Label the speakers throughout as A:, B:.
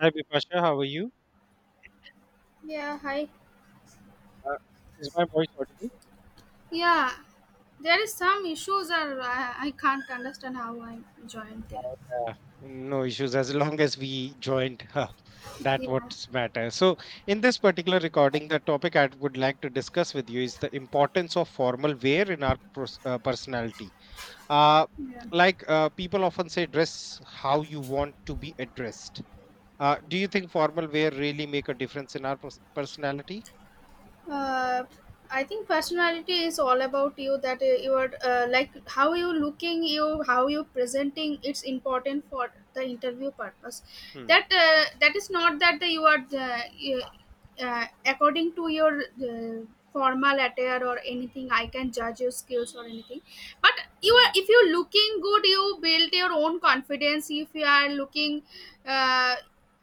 A: Hi, Bipasha. How are you?
B: Yeah, hi.
A: Uh, is my voice audible?
B: Yeah, there is some issues are I can't understand how I joined there.
A: Yeah, no issues as long as we joined. That
B: Yeah,
A: what's matter. So, in this particular recording, the topic I would like to discuss with you is the importance of formal wear in our personality. Uh,
B: yeah.
A: like people often say, dress how you want to be addressed. Do you think formal wear really make a difference in our personality?
B: uh, I think personality is all about you that you are like how you looking you how you presenting it's important for the interview purpose
A: Hmm.
B: that that is not that you are according to your formal attire or anything I can judge your skills or anything but you are
A: Hmm.
B: if you're looking good you build your own confidence if you are looking uh,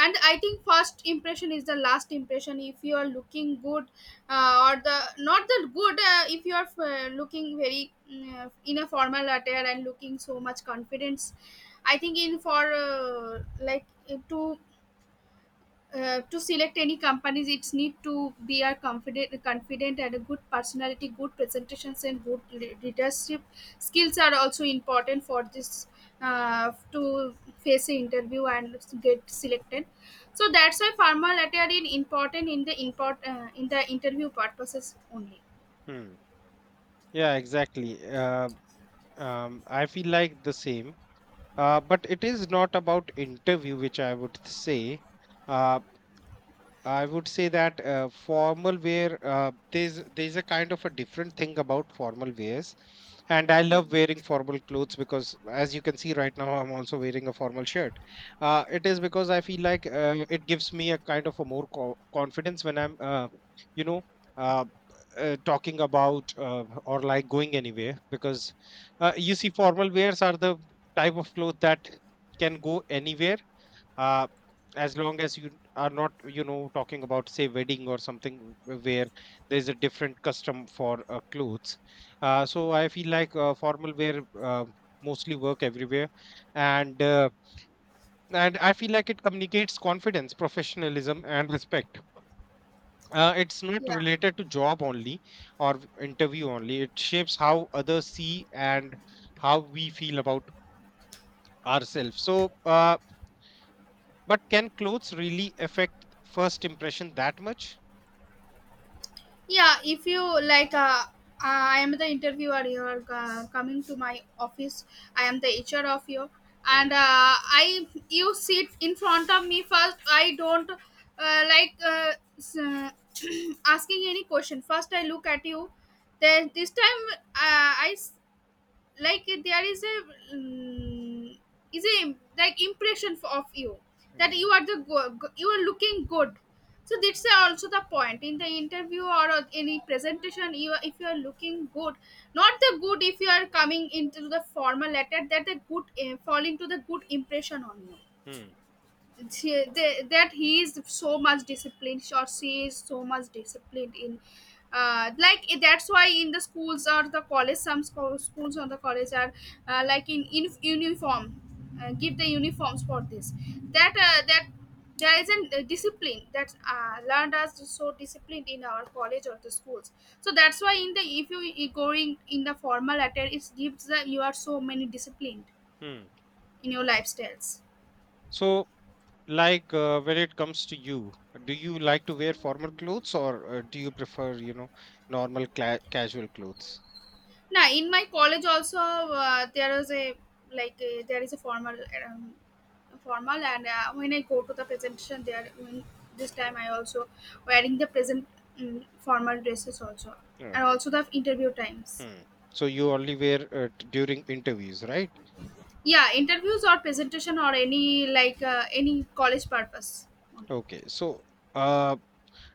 B: and I think first impression is the last impression if you are looking good or the not the good if you are looking very in a formal attire and looking so much confidence I think in for like to to select any companies it's need to be a confident and a good personality, good presentations and good leadership skills are also important for this to face an interview and get selected. So that's why formal attire is important in the import in the interview purposes only.
A: Hmm. Yeah, exactly. I feel like the same. But it is not about interview, which uh, I would say that formal wear there's a kind of a different thing about formal wears, and I love wearing formal clothes because, as you can see right now, I'm also wearing a formal shirt. It is because I feel like it gives me a kind of a more confidence when I'm, you know, uh, talking about or like going anywhere because you see, formal wears are the type of clothes that can go anywhere uh, as long as you are not, you know, talking about say wedding or something where there's a different custom for clothes. Uh, so I feel like formal wear mostly work everywhere, and and I feel like it communicates confidence, professionalism and respect. Uh, it's not
B: Yeah.
A: related to job only or interview only. It shapes how others see and how we feel about ourselves, so but can clothes really affect first impression that much?
B: Yeah, if you like I am the interviewer, you're coming to my office, I am the HR of you, and
A: Mm,
B: I, you sit in front of me first I don't asking any question, first I look at you, then this time uh, i s- like there is a is a like impression of you that you
A: mm,
B: are the you are looking good. So that's also the point in the interview or on any presentation you are- if you are looking good, not the good, if you are coming into the formal letter that the good fall into the good impression on you.
A: mm,
B: She, they, that he is so much disciplined or she is so much disciplined in that's why in the schools or the college some schools or the college are like in uniform, give the uniforms for this that that there is a discipline that learned us so disciplined in our college or the schools. So that's why in the if you going in the formal letter it gives that you are so many disciplined
A: mm.
B: in your lifestyles.
A: So, like when it comes to you, do you like to wear formal clothes, or do you prefer, you know, normal cla casual clothes?
B: Now in my college also there is a like a, there is a formal um, formal and when I go to the presentation there when, this time I also wearing the present formal dresses also, and
A: Okay.
B: also the interview times.
A: Mm. So you only wear during interviews, right?
B: Yeah, interviews or presentation or any like any college purpose only.
A: Okay. So, uh,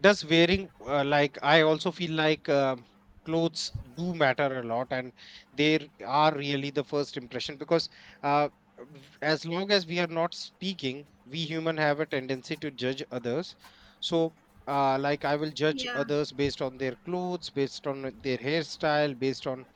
A: does wearing Like, I also feel like clothes do matter a lot, and they r- are really the first impression, because uh, as long as we are not speaking, we human have a tendency to judge others. So like, I will judge
B: Yeah.
A: others based on their clothes, based on their hairstyle, based on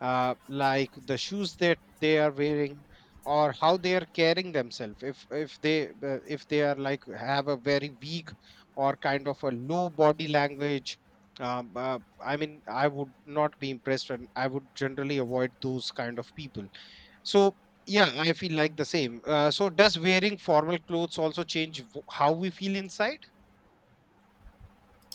A: like the shoes that they are wearing, or how they are carrying themselves. If if they are like have a very weak or kind of a low body language, um, uh, I mean, I would not be impressed, and I would generally avoid those kind of people. So yeah, I feel like the same. So does wearing formal clothes also change how we feel inside?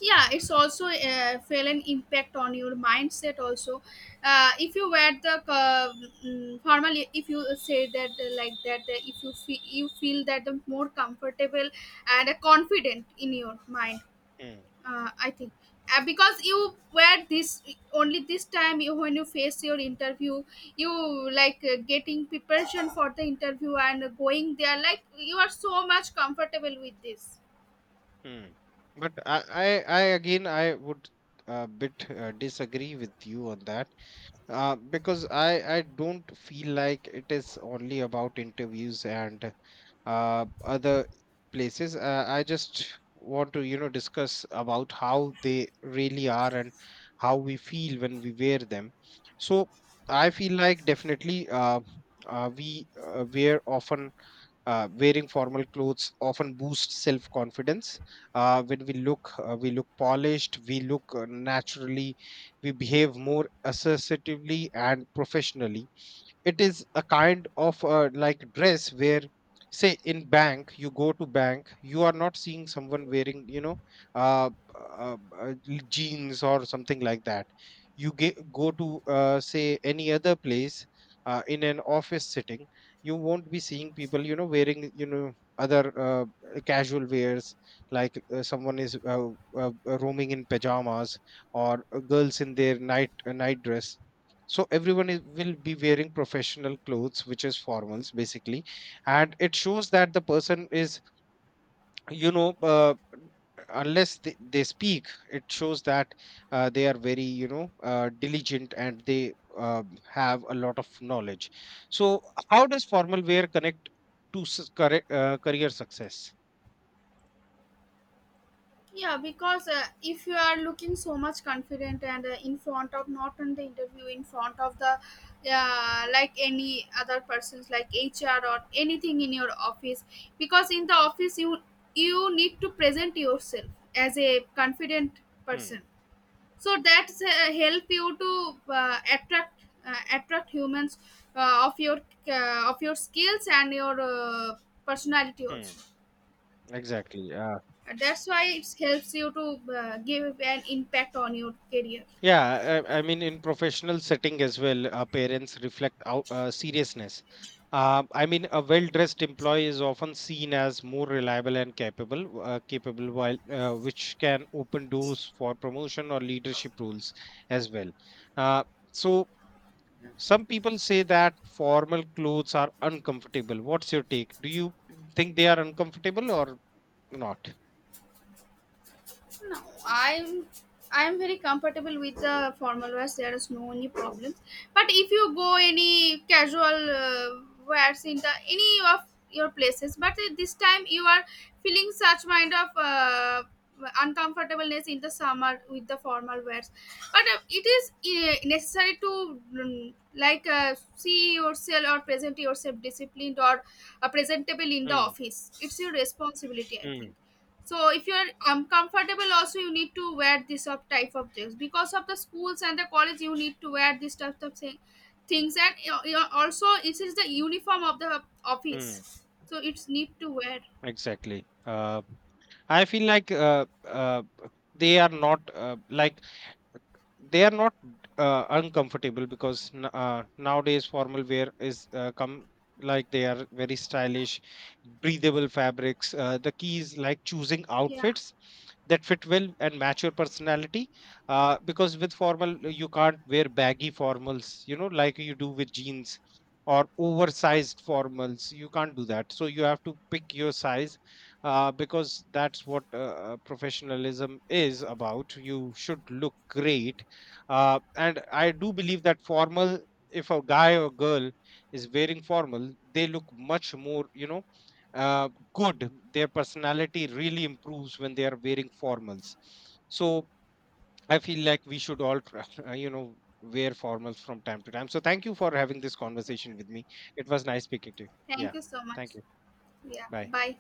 B: Yeah, it's also feel an impact on your mindset also. If you wear the formally if you say that like that if you feel that the more comfortable and confident in your mind.
A: Hmm,
B: I think because you wear this only this time you, when you face your interview you like getting preparation for the interview and going there like you are so much comfortable with this.
A: hmm. But I again, I would a bit disagree with you on that. Because I don't feel like it is only about interviews and other places. I just want to, you know, discuss about how they really are and how we feel when we wear them. So I feel like definitely we wear often wearing formal clothes often boosts self confidence. When we look polished, we look naturally, we behave more assertively and professionally. It is a kind of like dress where, say in bank, you go to bank, you are not seeing someone wearing, you know, uh, uh, uh, jeans or something like that. You go to, say, any other place, in an office sitting, you won't be seeing people, you know, wearing, you know, other casual wears, like someone is roaming in pajamas, or girls in their night night dress. So everyone is, will be wearing professional clothes, which is formals basically, and it shows that the person is, you know, unless they speak, it shows that they are very, you know, diligent, and they uh, have a lot of knowledge. So how does formal wear connect to career success?
B: Yeah, because if you are looking so much confident and in front of not in the interview, in front of the like any other persons like HR or anything in your office, because in the office you you need to present yourself as a confident
A: Hmm,
B: person. So that's help you to attract attract humans uh, of your of your skills and your personality
A: hmm,
B: also.
A: exactly, yeah.
B: And that's why it helps you to give an impact on your career.
A: Yeah, I mean, in professional setting as well, parents reflect out, seriousness. I mean, a well-dressed employee is often seen as more reliable and capable, capable while which can open doors for promotion or leadership roles as well. Uh, so some people say that formal clothes are uncomfortable. What's your take? Do you think they are uncomfortable or not?
B: No, I'm very comfortable with the formal wears. There is no any problems. But if you go any casual wears in the any of your places, but this time you are feeling such kind of uncomfortableness in the summer with the formal wears. But it is necessary to like see yourself or present yourself disciplined or presentable in the
A: Hmm,
B: office. It's your responsibility, I think.
A: hmm,
B: So if you're uncomfortable also you need to wear this of type of things because of the schools and the college you need to wear this type of thing, things and you also it is the uniform of the
A: hmm.
B: office so it's need to wear.
A: Exactly. I feel like they are not like they are not uncomfortable, because nowadays formal wear is come, like they are very stylish, breathable fabrics. The key is like choosing
B: Yeah.
A: outfits that fit well and match your personality, because with formal, you can't wear baggy formals, you know, like you do with jeans, or oversized formals, you can't do that, so you have to pick your size, because that's what professionalism is about. You should look great. And I do believe that formal, if a guy or girl is wearing formal, they look much more, you know, uh, good. Their personality really improves when they are wearing formals. So I feel like we should all try, you know, wear formals from time to time. So thank you for having this
B: Yeah.
A: conversation with me. It was nice speaking to you.
B: Thank
A: Yeah.
B: you so
A: Thank
B: much.
A: you.
B: Yeah,
A: Bye.
B: bye.